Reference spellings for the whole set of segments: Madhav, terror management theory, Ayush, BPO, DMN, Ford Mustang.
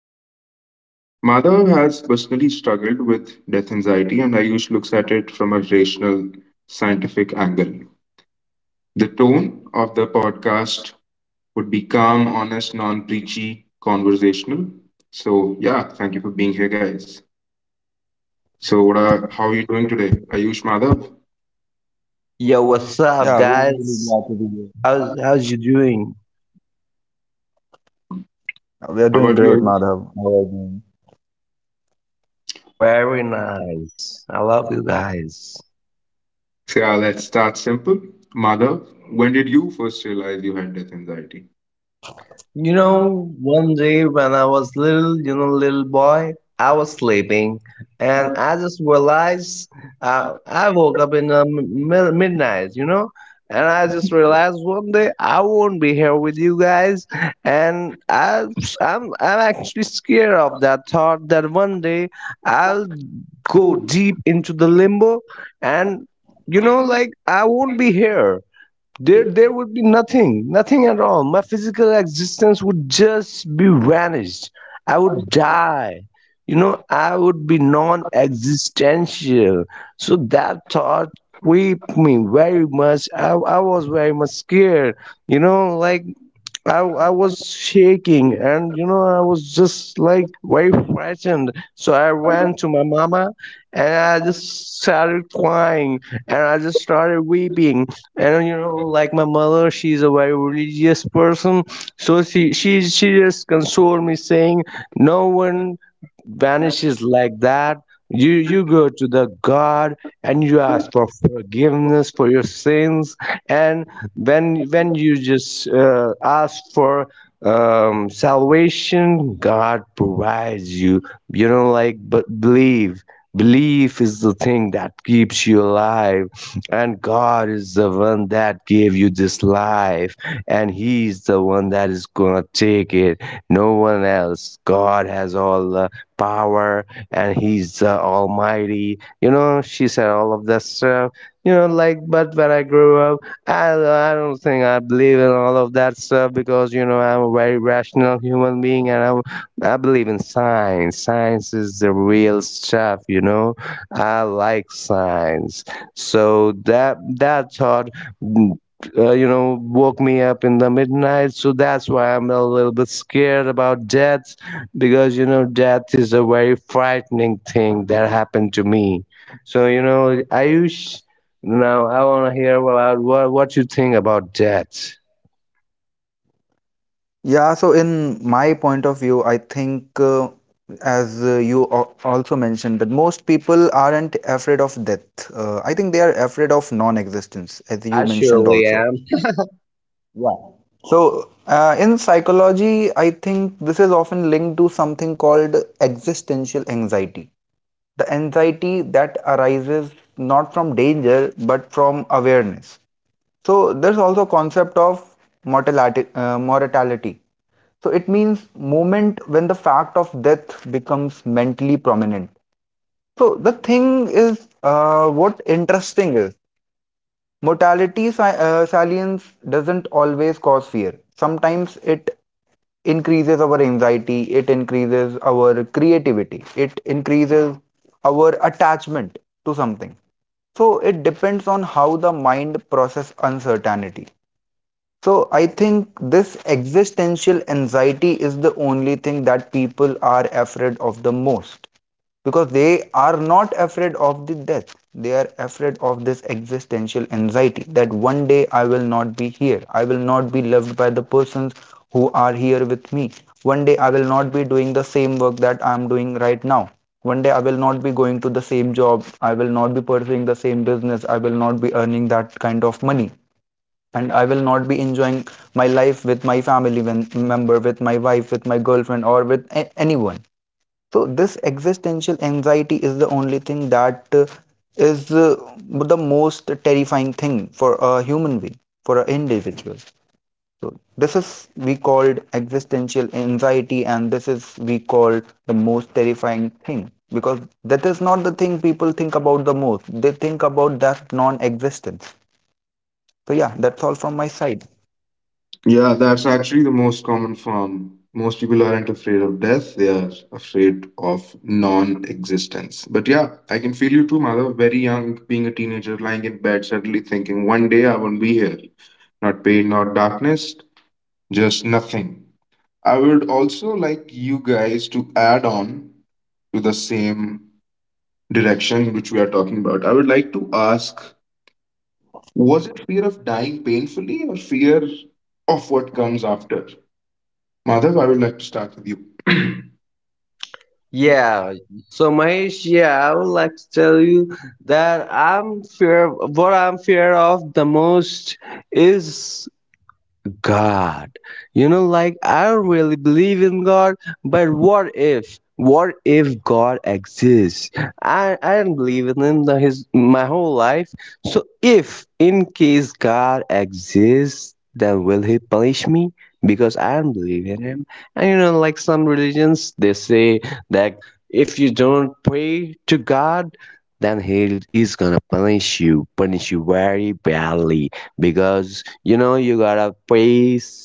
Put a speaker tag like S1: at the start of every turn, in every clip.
S1: Ayush. Madhav has personally struggled with death anxiety, and Ayush looks at it from a rational, scientific angle. The tone of the podcast would be calm, honest, non preachy, conversational. So, yeah, thank you for being here, guys. So, how are you doing today, Ayush? Madhav,
S2: Yo, what's up,
S3: Yeah, we're really
S2: guys?
S3: glad to be here.
S2: How's you doing?
S3: We are
S1: how
S3: doing
S1: about you,
S3: great,
S1: Ayush?
S3: Madhav. How are you doing?
S2: Very nice. I love you guys.
S1: So, yeah, let's start simple. Madhav, when did you first realize you had death anxiety?
S2: You know, one day when I was little, you know, little boy, I was sleeping and I just realized I woke up in the midnight, you know, and I just realized one day I won't be here with you guys. And I, I'm actually scared of that thought that one day I'll go deep into the limbo, and, you know, like I won't be here. There would be nothing, nothing at all. My physical existence would just be vanished. I would die. You know, I would be non existential. So that thought creeped me very much. I was very much scared. You know, like I was shaking, and you know I was just like very frightened. So I ran to my mama and I just started crying and I just started weeping. And you know, like my mother, she's a very religious person. So she she just consoled me saying, no one vanishes like that. You go to the God and you ask for forgiveness for your sins, and when you just ask for salvation, god provides you, you know, like. But believe, belief is the thing that keeps you alive, and god is the one that gave you this life, and he's the one that is gonna take it, no one else. God has all the power, and he's the almighty, you know. She said all of that stuff. You know, like but when I grew up, I don't think I believe in all of that stuff because you know I'm a very rational human being, and I believe in science. Science is the real stuff, you know. I like science, so that thought. mm, you know, woke me up in the midnight, so that's why I'm a little bit scared about death because you know, death is a very frightening thing that happened to me. So, you know, Ayush, now I want to hear about what you think about that.
S3: Yeah, so in my point of view, I think as you also mentioned that most people aren't afraid of death. I think they are afraid of non-existence, as you
S2: Uh,
S3: mentioned also. Yeah. So, in psychology, I think this is often linked to something called existential anxiety. The anxiety that arises not from danger but from awareness. So there's also concept of mortality. Mortality. So it means moment when the fact of death becomes mentally prominent. So the thing is, what interesting is mortality salience doesn't always cause fear. Sometimes it increases our anxiety, it increases our creativity, it increases our attachment to something. So it depends on how the mind process uncertainty. So I think this existential anxiety is the only thing that people are afraid of the most because they are not afraid of the death. They are afraid of this existential anxiety that one day I will not be here. I will not be loved by the persons who are here with me. One day I will not be doing the same work that I am doing right now. One day I will not be going to the same job. I will not be pursuing the same business. I will not be earning that kind of money, and I will not be enjoying my life with my family member, with my wife, with my girlfriend, or with anyone. So this existential anxiety is the only thing that is the most terrifying thing for a human being, for an individual. So this is we called existential anxiety, and this is we call the most terrifying thing because that is not the thing people think about the most. They think about that non-existence. So yeah, that's all from my side.
S1: Yeah, that's actually the most common form. Most people aren't afraid of death, they are afraid of non existence. But yeah, I can feel you too, Madhav. Very young, being a teenager, lying in bed, suddenly thinking, one day I won't be here. Not pain, not darkness, just nothing. I would also like you guys to add on to the same direction which we are talking about. I would like to ask, was it fear of dying painfully or fear of what comes after? Madhav, I would like to start with you.
S2: yeah. So Mahesh, yeah, I would like to tell you that I'm fear. What I'm fear of the most is God. You know, like I don't really believe in God, but what if? What if God exists? I don't believe in him the, his my whole life. So if in case God exists, then will he punish me? Because I don't believe in him. And you know, like some religions, they say that if you don't pray to God, then he is gonna punish you very badly because you know you gotta praise,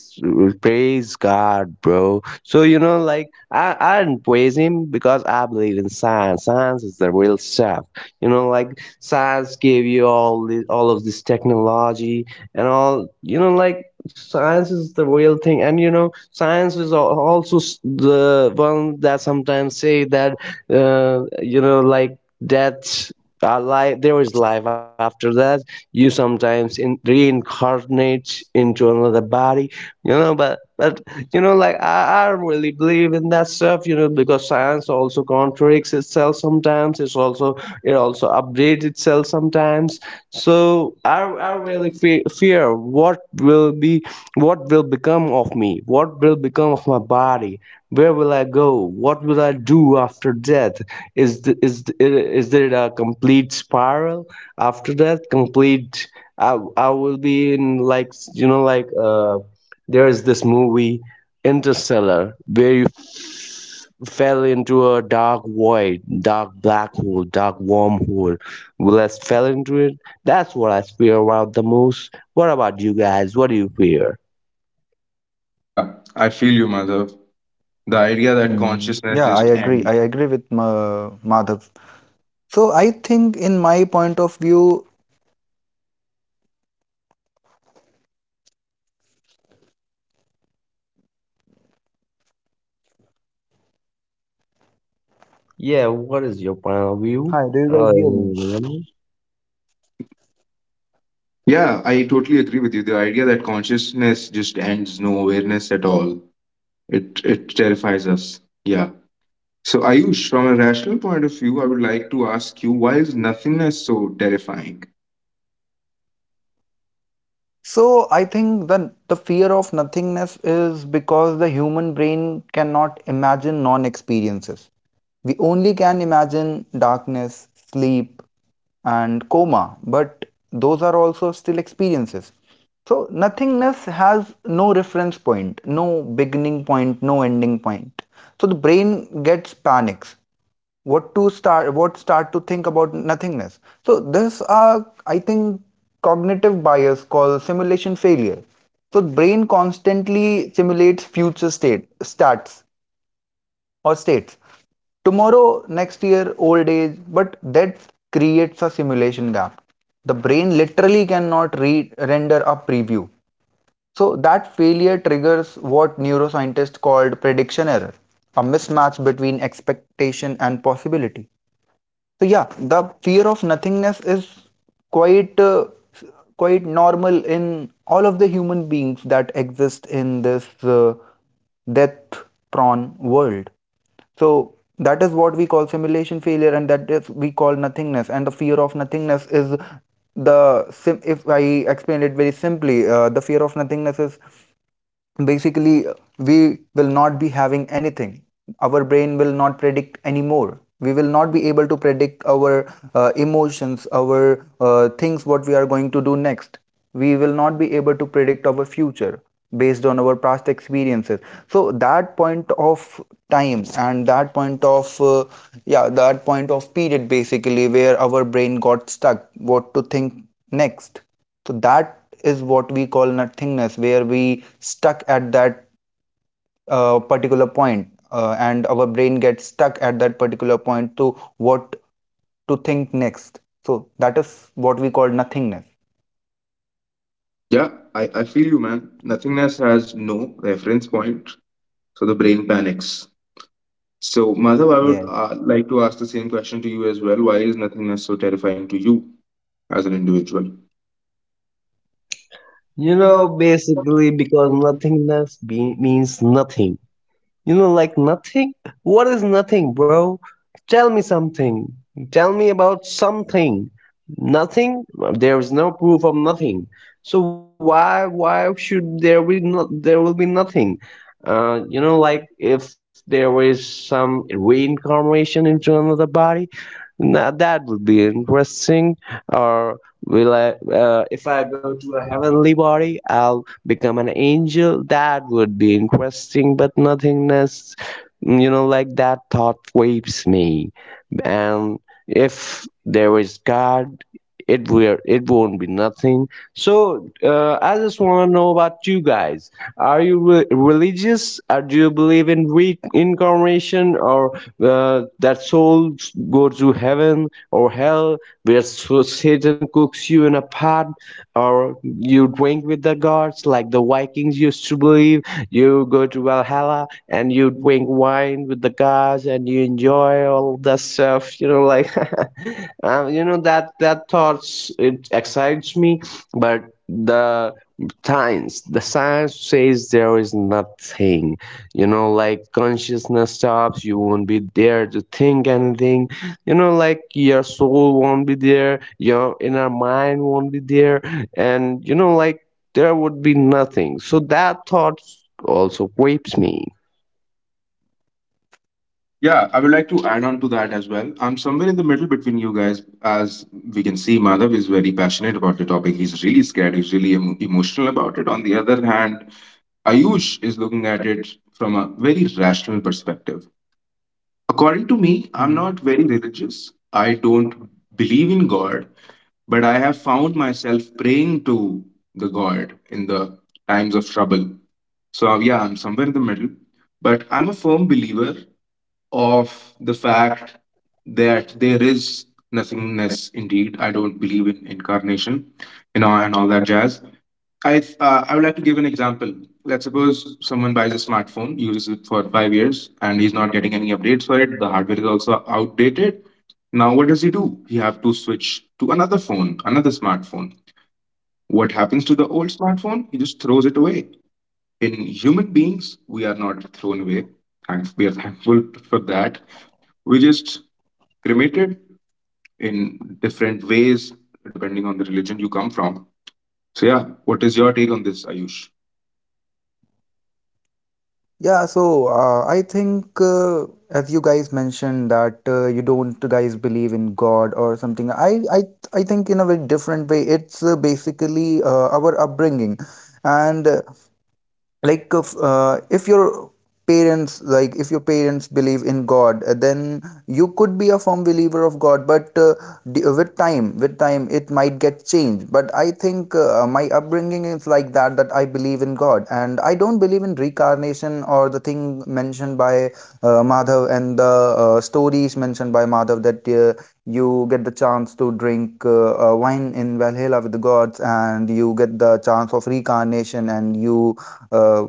S2: praise god, bro. So you know like I didn't praise him because I believe in science. Science is the real stuff, you know, like. Science gave you all this, all of this technology and all, you know, like science is the real thing. And you know science is also the one that sometimes say that you know, like that our life, there is life after that. You sometimes in reincarnate into another body, you know. But you know, like I really believe in that stuff, you know, because science also contradicts itself sometimes. It's also, it also updates itself sometimes. So I really fear what will be, what will become of me, what will become of my body, where will I go, what will I do after death. Is there a complete spiral after that, complete? I will be in, like, you know, like, uh, there is this movie Interstellar where you fell into a dark void, dark black hole, dark wormhole. Let I fell into it. That's what I fear about the most. What about you guys? What do you fear?
S1: Yeah, I feel you, Madhav. The idea that
S3: Hmm.
S1: consciousness
S3: Yeah, I
S1: just
S3: agree.
S1: ends.
S3: I agree with Ma Madhav. So I think, in my point of view,
S2: Yeah, what is your point of view?
S3: hi, do you
S2: Uh,
S3: guys hear me?
S1: Yeah, I totally agree with you. The idea that consciousness just ends, no awareness at all. It terrifies us. Yeah. So, Ayush, from a rational point of view, I would like to ask you, why is nothingness so terrifying?
S3: So I think the fear of nothingness is because the human brain cannot imagine non-experiences. We only can imagine darkness, sleep, and coma, but those are also still experiences. So nothingness has no reference point, no beginning point, no ending point. So the brain gets panics what to start, what start to think about nothingness. So this are, I think, cognitive bias called simulation failure. So brain constantly simulates future state starts, or states, tomorrow, next year, old age, but that creates a simulation gap. The brain literally cannot render a preview. So that failure triggers what neuroscientists called prediction error, a mismatch between expectation and possibility. So yeah, the fear of nothingness is quite quite normal in all of the human beings that exist in this death-prone world. So that is what we call simulation failure, and that is we call nothingness. And the fear of nothingness is the if I explain it very simply, the fear of nothingness is basically we will not be having anything. Our brain will not predict anymore. We will not be able to predict our emotions, our things what we are going to do next. We will not be able to predict our future based on our past experiences. So that point of time and that point of yeah that point of period basically where our brain got stuck what to think next. So that is what we call nothingness, where we stuck at that particular point, and our brain gets stuck at that particular point to what to think next. So that is what we call nothingness.
S1: Yeah, I feel you, man. Nothingness has no reference point, so the brain panics. So, Madhav, I would
S3: Yes.
S1: like to ask the same question to you as well. Why is nothingness so terrifying to you as an individual?
S2: you know, basically because nothingness means nothing. You know, like nothing? What is nothing, bro? Tell me something. Tell me about something. Nothing? There is no proof of nothing. So why should there be, not there will be nothing? You know, like if there is some reincarnation into another body, now that would be interesting. Or will I? If I go to a heavenly body, I'll become an angel. That would be interesting, but nothingness. You know, like that thought waves me. And if there is God, it will it won't be nothing. So I just want to know about you guys. Are you religious? Or do you believe in reincarnation or that souls go to heaven or hell, where Satan cooks you in a pot, or you drink with the gods like the Vikings used to believe? You go to Valhalla and you drink wine with the guys and you enjoy all that stuff, you know, like you know, that thoughts it excites me. But the science, the science says there is nothing, you know, like consciousness stops. You won't be there to think anything, you know, like your soul won't be there, your inner mind won't be there. And you know, like there would be nothing. So that thought also grapes me.
S1: Yeah, I would like to add on to that as well. I'm somewhere in the middle between you guys. As we can see, Madhav is very passionate about the topic. He's really scared. He's really emotional about it. On the other hand, Ayush is looking at it from a very rational perspective. According to me, I'm not
S3: Mhm.
S1: very religious. I don't believe in God, but I have found myself praying to the God in the times of trouble. So, yeah, I'm somewhere in the middle, but I'm a firm believer of the fact that there is nothingness indeed. I don't believe in incarnation, you know, and all that jazz. I would like to give an example. Let's suppose someone buys a smartphone, uses it for 5 years, and he's not getting any updates for it. The hardware is also outdated. Now, what does he do? He have to switch to another phone, another smartphone. What happens to the old smartphone? He just throws it away. In human beings, we are not thrown away, and we are thankful for that. We just cremated in different ways depending on the religion you come from. So yeah, what is your take on this, Ayush?
S3: Yeah, so I think as you guys mentioned that you don't guys believe in God or something. I I think in a very different way. It's basically our upbringing, and like if your parents, like if your parents believe in God, then you could be a firm believer of God, but with time it might get changed. But I think my upbringing is like that, that I believe in God and I don't believe in reincarnation or the thing mentioned by Madhav, and the stories mentioned by Madhav that you get the chance to drink wine in Valhalla with the gods, and you get the chance of reincarnation, and uh,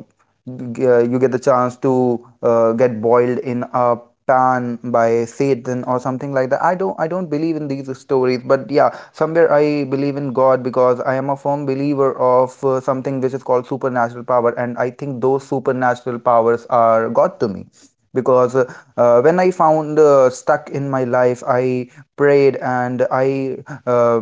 S3: you get the chance to get boiled in a pan by Satan or something like that. I don't believe in these stories, but yeah, somewhere I believe in God because I am a firm believer of something which is called supernatural power, and I think those supernatural powers are God to me because when I found stuck in my life, I prayed and I uh,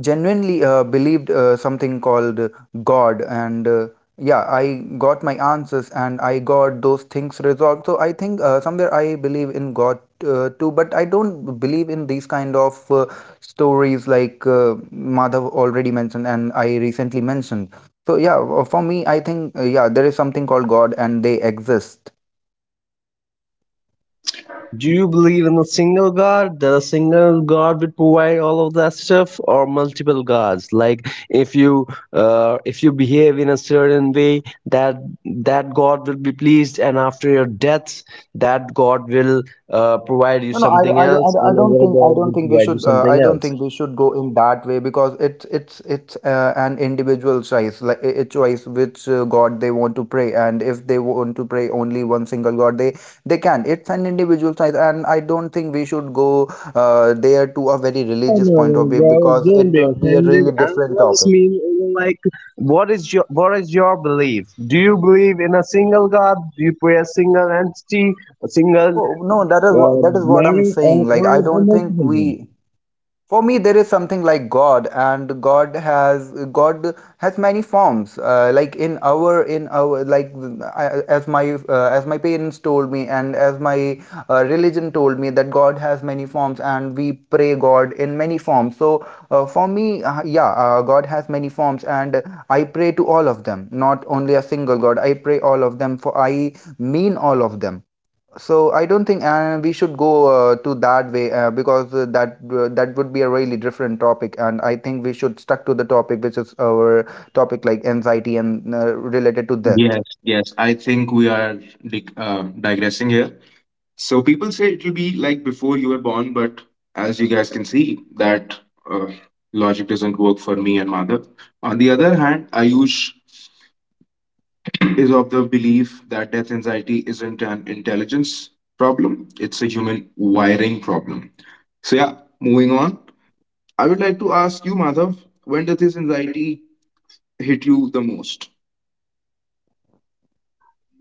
S3: genuinely believed something called God. And yeah, I got my answers and I got those things resolved. So I think somewhere I believe in God too, but I don't believe in these kind of stories like Madhav already mentioned and I recently mentioned. So yeah, for me I think yeah, there is something called God and they exist.
S2: Do you believe in a single God? That a single God will provide all of that stuff, or multiple gods? Like if you behave in a certain way, that that God will be pleased, and after your death, that God will provide you
S3: No, no,
S2: something
S3: I, I,
S2: else,
S3: I I
S2: and
S3: don't
S2: another
S3: think I
S2: God
S3: don't
S2: will
S3: think we
S2: provide you
S3: should
S2: something
S3: I don't
S2: else.
S3: think we should go in that way because it's an individual choice, like a choice which God they want to pray, and if they want to pray only one single God, they can. It's an individual choice, and I don't think we should go there to a very
S2: No,
S3: religious
S2: no,
S3: point
S2: no,
S3: of view
S2: bro.
S3: because
S2: Don't
S3: it
S2: be
S3: would be a
S2: offended.
S3: really different
S2: I just
S3: topic.
S2: mean, you know, like, what is your, what is your belief? Do you believe in a single God? Do you pray a single entity, a single
S3: Oh no, that is what
S2: uh,
S3: that is what I'm
S2: matter,
S3: saying. Like I
S2: or
S3: don't think
S2: multiple ones?
S3: we. For me there is something like God, and god has many forms, like in our like I, as my as my parents told me and as my religion told me that God has many forms and we pray God in many forms. So for me yeah, God has many forms, and I pray to all of them, not only a single God. I pray all of them, for I mean all of them. So I don't think we should go to that way, because that would be a really different topic, and I think we should stuck to the topic which is our topic, like anxiety and related to death.
S1: Yes, yes. I think we are digressing here. So people say it will be like before you were born, but as you guys can see, that uh, logic doesn't work for me and Madhav. On the other hand, Ayush is of the belief that death anxiety isn't an intelligence problem, it's a human wiring problem. So, yeah, moving on. I would like to ask you, Madhav, when does this anxiety hit you the most?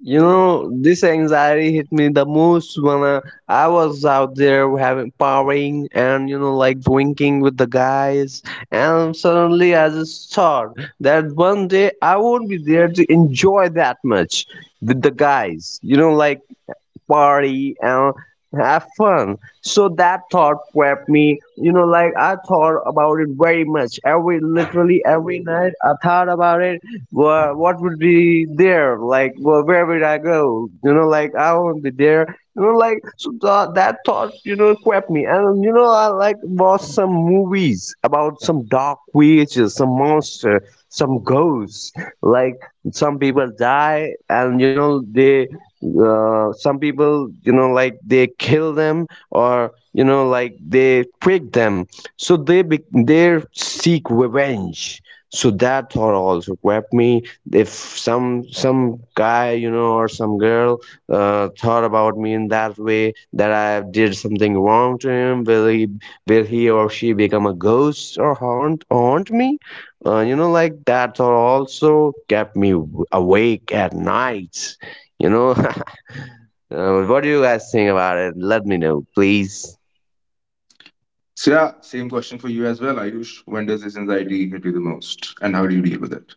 S2: You know, this anxiety hit me the most when I was out there having partying and you know like drinking with the guys, and suddenly I just thought that one day I won't be there to enjoy that much with the guys. You know, like party and have fun. So that thought prepped me, you know, like I thought about it very much. Every literally every night I thought about it. What would be there? Like well, where would I go? You know, like I won't be there. You know, like so that thought, you know, crept me. And you know, I like watched some movies about some dark creatures, some monster, some ghosts. Like some people die, and you know they some people, you know, like they kill them or you know, like they prick them, so they seek revenge. So that thought also grabbed me. If some guy, you know, or some girl thought about me in that way, that I did something wrong to him, will he or she become a ghost or haunt me? Uh, you know, like that thought also kept me awake at night, you know. What do you guys think about it? Let me know, please.
S1: So, yeah, same question for you as well, Ayush. When does this anxiety hit you the most, and how do you deal with it?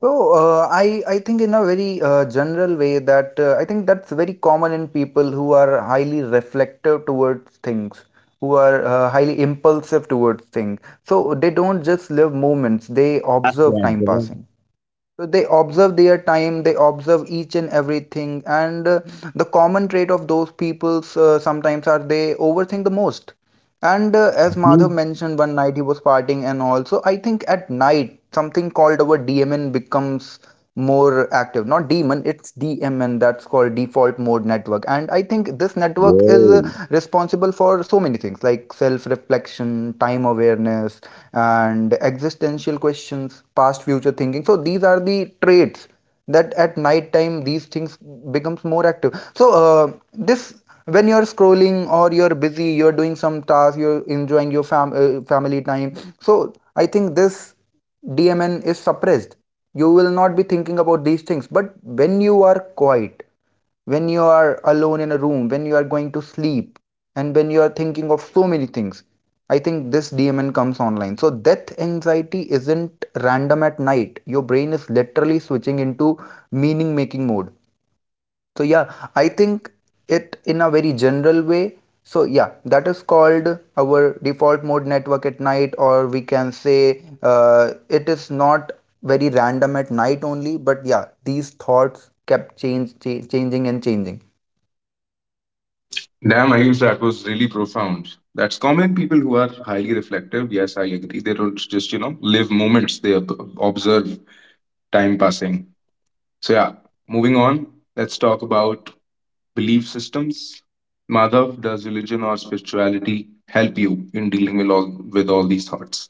S3: So I think in a very general way that I think that's very common in people who are highly reflective towards things, who are highly impulsive towards things. So they don't just live moments; they
S2: That's
S3: observe
S2: right,
S3: time
S2: brother.
S3: passing. So they observe their time, they observe each and everything, and the common trait of those peoples sometimes are they overthink the most. And as Madhav
S2: Please.
S3: mentioned, one night he was partying, and also I think at night something called our DMN becomes more active. Not demon, it's DMN. That's called default mode network. And I think this network is
S2: Whoa.
S3: responsible for so many things like self-reflection, time awareness, and existential questions, past future thinking. So these are the traits that at night time these things becomes more active. So this, when you're scrolling or you're busy, you're doing some task, you're enjoying your family time, so I think this DMN is suppressed. You will not be thinking about these things, but when you are quiet, when you are alone in a room, when you are going to sleep, and when you are thinking of so many things. I think this DMN comes online. So, death anxiety isn't random at night. Your brain is literally switching into meaning making mode. So, yeah, I think it in a very general way. So, yeah, that is called our default mode network at night, or we can say it is not very random at night only, but yeah, these thoughts kept changing and changing.
S1: Damn, Ayush, that was really profound. That's common. People who are highly reflective, yes, I agree. They don't just, you know, live moments, they observe time passing. So yeah, moving on, let's talk about belief systems. Madhav, does religion or spirituality help you in dealing with all these thoughts?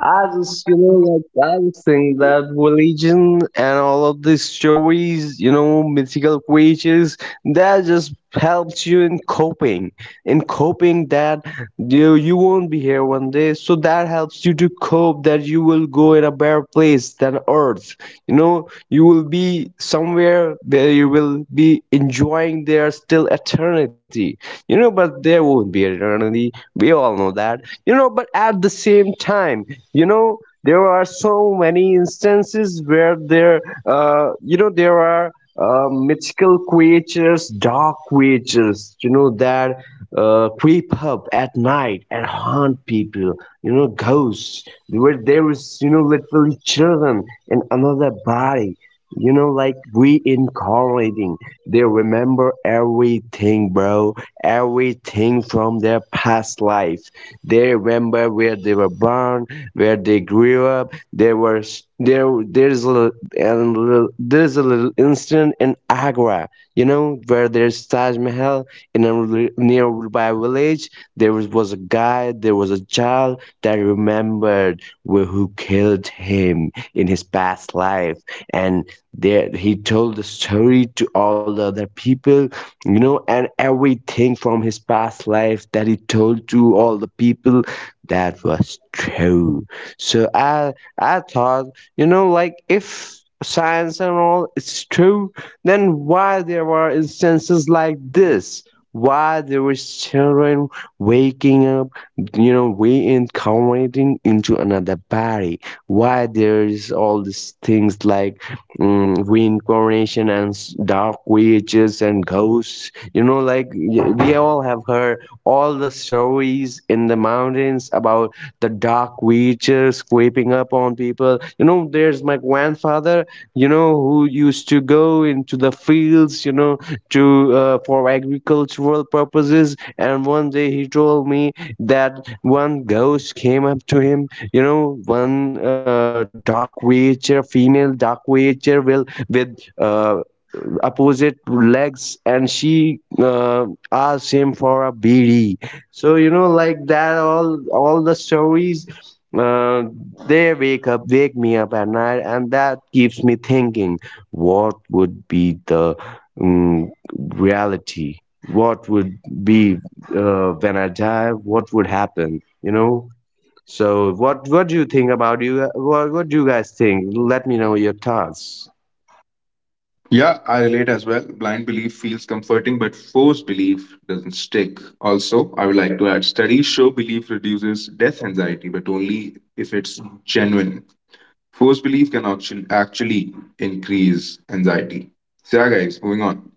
S2: I just, you know, like I just think that religion and all of these stories, you know, mythical creatures, that just helps you in coping that you won't be here one day, so that helps you to cope that you will go in a better place than Earth. You know, you will be somewhere where you will be enjoying there still eternity. You know, but there won't be eternity. We all know that. You know, but at the same time, you know, there are so many instances where there you know, there are mythical creatures, dark creatures, you know, that creep up at night and haunt people, you know, ghosts, where there is, you know, literally children in another body, you know, like reincarnating. They remember everything, bro, everything from their past life. They remember where they were born, where they grew up. There was there there's a there's a little incident in Agra, you know, where there's Taj Mahal in a nearby village. There was a guy, there was a child that remembered who killed him in his past life, and there he told the story to all the other people, you know, and everything from his past life that he told to all the people, that was true. So I thought, you know, like if science and all is true, then why there were instances like this? Why there was children waking up, you know, reincarnating into another body? Why there is all these things like reincarnation and dark witches and ghosts? You know, like we all have heard all the stories in the mountains about the dark creatures creeping up on people. You know, there's my grandfather, you know, who used to go into the fields, you know, to for agricultural purposes. And one day he told me that one ghost came up to him, you know, one dark creature, female dark creature, will with opposite legs, and she asked him for a bidi. So you know, like that, all the stories, uh, they wake up, wake me up at night, and that keeps me thinking, what would be the um, reality? What would be, when I die? What would happen? You know. So what do you think about you? What do you guys think? Let me know your thoughts.
S1: Yeah, I relate as well. Blind belief feels comforting, but forced belief doesn't stick. Also, I would like to add, studies show belief reduces death anxiety, but only if it's genuine. Forced belief can actually increase anxiety. So yeah, guys, moving on.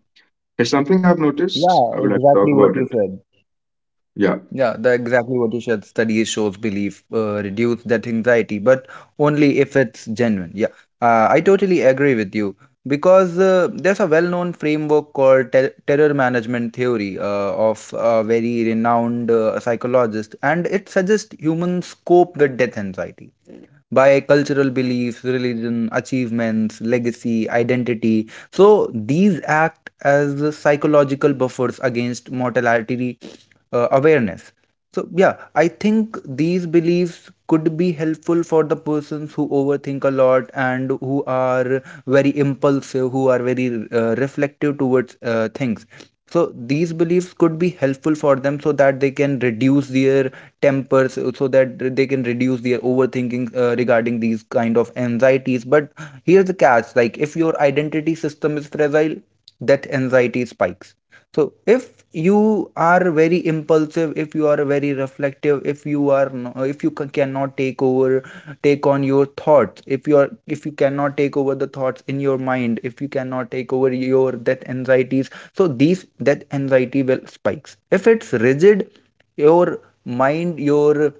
S1: Here's something I've noticed.
S3: Yeah,
S1: I would like to talk
S3: exactly what
S1: about
S3: you
S1: it.
S3: said.
S1: Yeah.
S3: Yeah, the exactly what you said. Studies shows belief reduce that anxiety, but only if it's genuine. Yeah, I totally agree with you because there's a well-known framework called terror management theory of a very renowned psychologist, and it suggests humans cope with death anxiety by cultural beliefs, religion, achievements, legacy, identity. So these act as psychological buffers against mortality awareness. So yeah, I think these beliefs could be helpful for the persons who overthink a lot and who are very impulsive, who are very reflective towards things. So these beliefs could be helpful for them so that they can reduce their tempers, so that they can reduce their overthinking regarding these kind of anxieties. But here's the catch, like if your identity system is fragile, that anxiety spikes. So if you are very impulsive, if you are very reflective, if you are no, if you cannot take over, take on your thoughts, if you are, if you cannot take over the thoughts in your mind, if you cannot take over your that anxieties, so these that anxiety will spikes if it's rigid, your mind, your,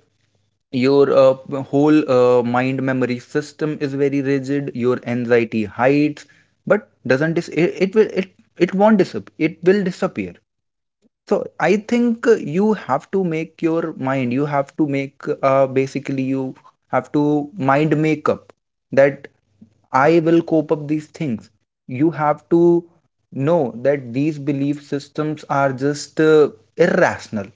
S3: your uh, whole mind memory system is very rigid, your anxiety hides but doesn't dis- it will it it won't disappear, it will disappear. So I think you have to make your mind. You have to make, basically you have to mind make up that I will cope up these things. You have to know that these belief systems are just irrational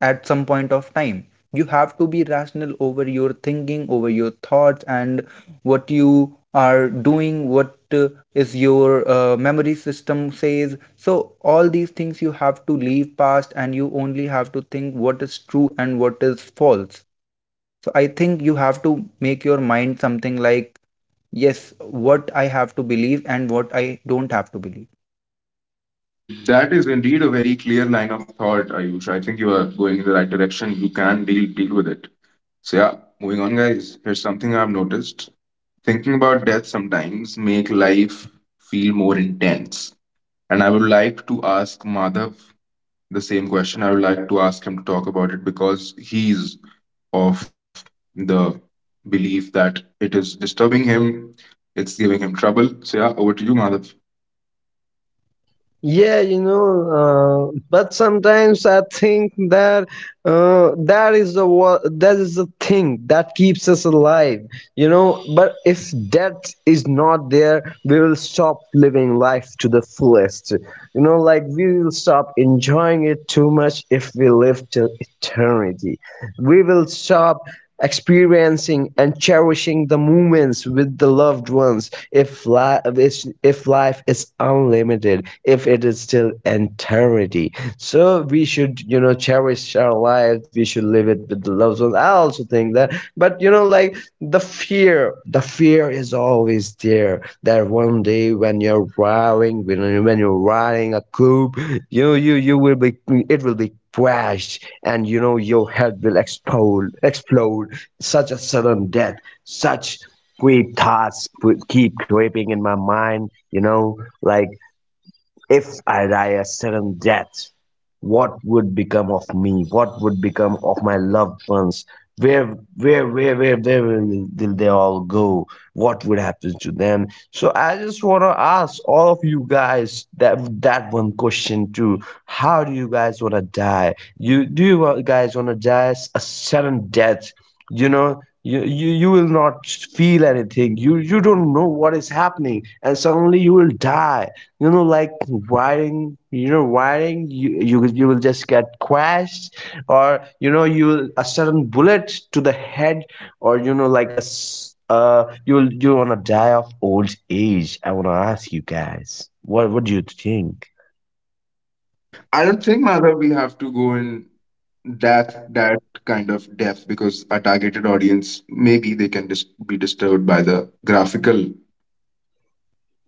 S3: at some point of time. You have to be rational over your thinking, over your thoughts, and what you are doing, what is your memory system says. So all these things you have to leave past, and you only have to think what is true and what is false. So I think you have to make your mind something like, yes, what I have to believe and what I don't have to believe.
S1: Mm, that is indeed a very clear line of thought, Ayush. I think you are going in the right direction. You can deal with it. So yeah, moving on, guys. Here's something I've noticed. Thinking about death sometimes make life feel more intense. And I would like to ask Madhav the same question. I would like to ask him to talk about it because he's of the belief that it is disturbing him. It's giving him trouble. So yeah, over to you, Madhav.
S2: Yeah, you know, but sometimes I think that, that is that is the thing that keeps us alive. You know, but if death is not there, we will stop living life to the fullest. You know, like we will stop enjoying it too much if we live till eternity. We will stop experiencing and cherishing the moments with the loved ones. If life is unlimited, if it is still eternity, so we should, you know, cherish our lives. We should live it with the loved ones. I also think that, but you know, like the fear is always there, that one day when you're driving, when you're riding a coupe, you will be, it will be crashed, and you know, your head will explode. Such a sudden death, such quick thoughts would keep creeping in my mind, you know, like if I die a sudden death, what would become of me? What would become of my loved ones? Where will they all go? What would happen to them? So I just want to ask all of you guys that one question too. How do you guys want to die? You do you wa- guys want to die, a sudden death? You know, you will not feel anything. You don't know what is happening, and suddenly you will die. You know, like wiring, you know, wiring, you will just get crashed, or you know, you will a sudden bullet to the head, or you know, like you'll, you want to die of old age. I want to ask you guys, what do you think?
S1: I don't think, Madhav, we have to go in that kind of depth because our targeted audience, maybe they can just be disturbed by the graphical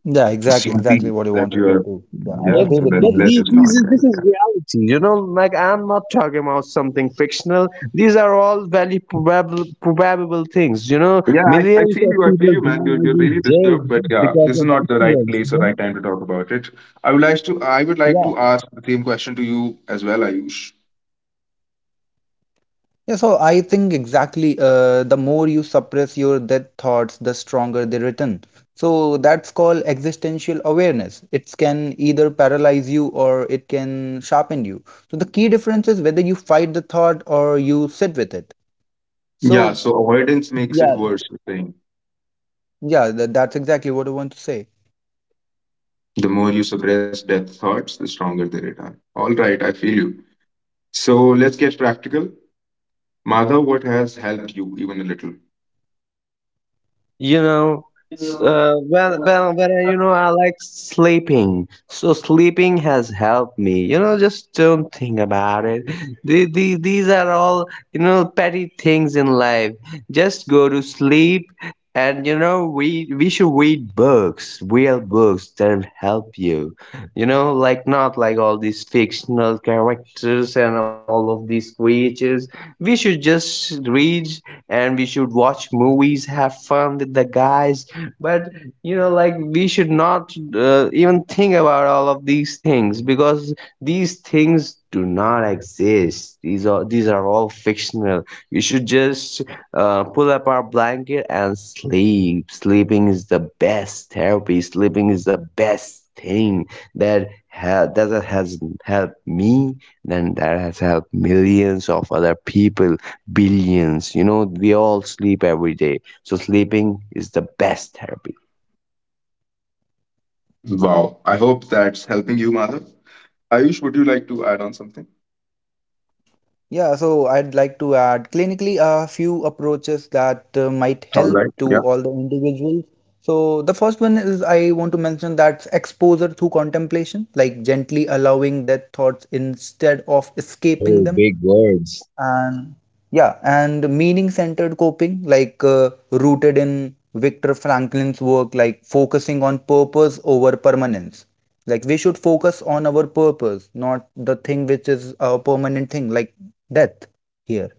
S3: Yeah, exactly,
S1: scenery
S3: exactly what you
S1: that
S3: want to
S1: you
S3: say
S1: are.
S3: too. Yeah, I
S1: Yeah,
S2: But
S3: agree
S1: so
S3: with
S1: let's let's
S3: Mahesh.
S1: just not.
S2: this is
S1: Yeah,
S2: reality, you know, like I'm not talking about something fictional. These are all very probable things, you know,
S1: yeah. I
S2: millions
S1: feel
S2: of
S1: you. I feel
S2: people
S1: you, man.
S2: die
S1: You're
S2: every
S1: really
S2: day
S1: disturbed, but yeah,
S2: because
S1: this is
S2: of
S1: not the right
S2: accidents.
S1: place or right time to talk about it. I would like
S3: Yeah.
S1: to ask the same question to you as well, Ayush.
S3: Yeah, so I think exactly the more you suppress your death thoughts, the stronger they return. So that's called existential awareness. It can either paralyze you or it can sharpen you. So the key difference is whether you fight the thought or you sit with it.
S1: Yeah.
S3: So,
S1: So avoidance makes it
S3: yeah,
S1: worse. You're saying,
S3: yeah, that's exactly what I want to say.
S1: the more you suppress death thoughts, the stronger they return. All right, I feel you. So let's get practical. Madhav, what has helped you even a
S2: You know,
S1: little?
S2: when when I, you know, I like sleeping, so sleeping has helped me. You know, just don't think about it. These are all, you know, petty things in life. Just go to sleep, and you know, we should read books, real books that'll help you. You know, like not like all these fictional characters and all of these creatures. We should just read, and we should watch movies, have fun with the guys. But you know, like we should not even think about all of these things because these things do not exist. These are all fictional. We should just pull up our blanket and sleep. Sleeping is the best therapy. Sleeping is the best thing that has helped me, then that has helped millions of other people, billions. You know, we all sleep every day. So sleeping is the best therapy.
S1: Wow. I hope that's helping you, Madhav. Ayush, would you like to add on something?
S3: Yeah, so I'd like to add clinically a few approaches that might
S1: All
S3: help
S1: right.
S3: to
S1: Yeah.
S3: all the individuals. So the first one is I want to mention that exposure through contemplation, like gently allowing death thoughts instead of escaping
S2: No
S3: them,
S2: big words.
S3: and yeah, and meaning centered coping, like rooted in Viktor Franklin's work, like focusing on purpose over permanence, like we should focus on our purpose, not the thing which is a permanent thing like death here.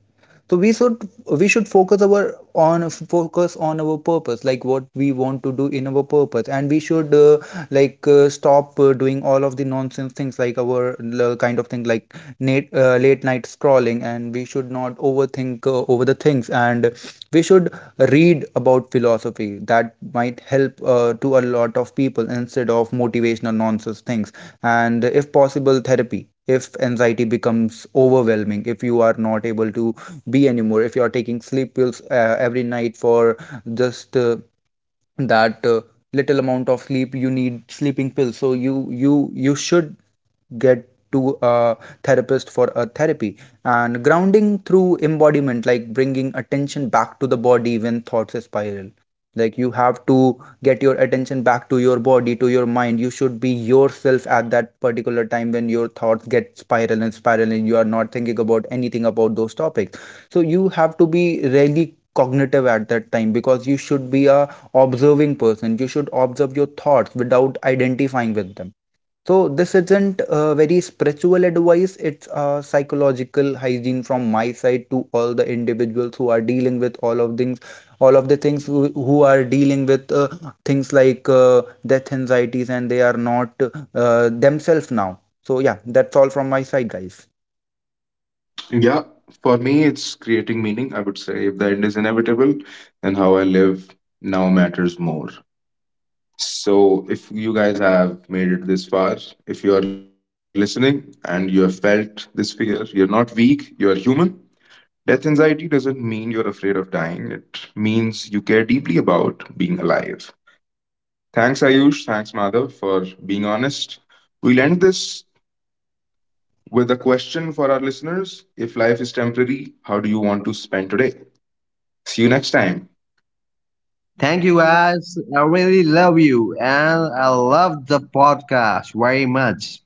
S3: So we should, we should focus our, on, focus on our purpose, like what we want to do in our purpose. And we should, stop doing all of the nonsense things, like our kind of thing, like late night scrolling. And we should not overthink over the things, and we should read about philosophy. That might help to a lot of people instead of motivational nonsense things. And if possible, therapy, if anxiety becomes overwhelming, if you are not able to be anymore, if you are taking sleep pills every night for just that little amount of sleep, you need sleeping pills, so you should get to a therapist for a therapy. And grounding through embodiment, like bringing attention back to the body when thoughts spiral, like you have to get your attention back to your body, to your mind. You should be yourself at that particular time when your thoughts get spiral and spiral, and you are not thinking about anything about those topics. So you have to be really cognitive at that time, because you should be a observing person. You should observe your thoughts without identifying with them. So this isn't very spiritual advice, it's psychological hygiene from my side to all the individuals who are dealing with all of things, all of the things, who are dealing with things like death anxieties, and they are not themselves now. So yeah, that's all from my side, guys.
S1: Yeah, for me, it's creating meaning. I would say, if the end is inevitable, then how I live now matters more. So, if you guys have made it this far, if you are listening and you have felt this fear, you're not weak, you're human. Death anxiety doesn't mean you're afraid of dying, it means you care deeply about being alive. Thanks, Ayush. Thanks, Madhav, for being honest. We'll end this with a question for our listeners: if life is temporary, how do you want to spend today? See you next time.
S2: Thank you guys. I really love you, and I love the podcast very much.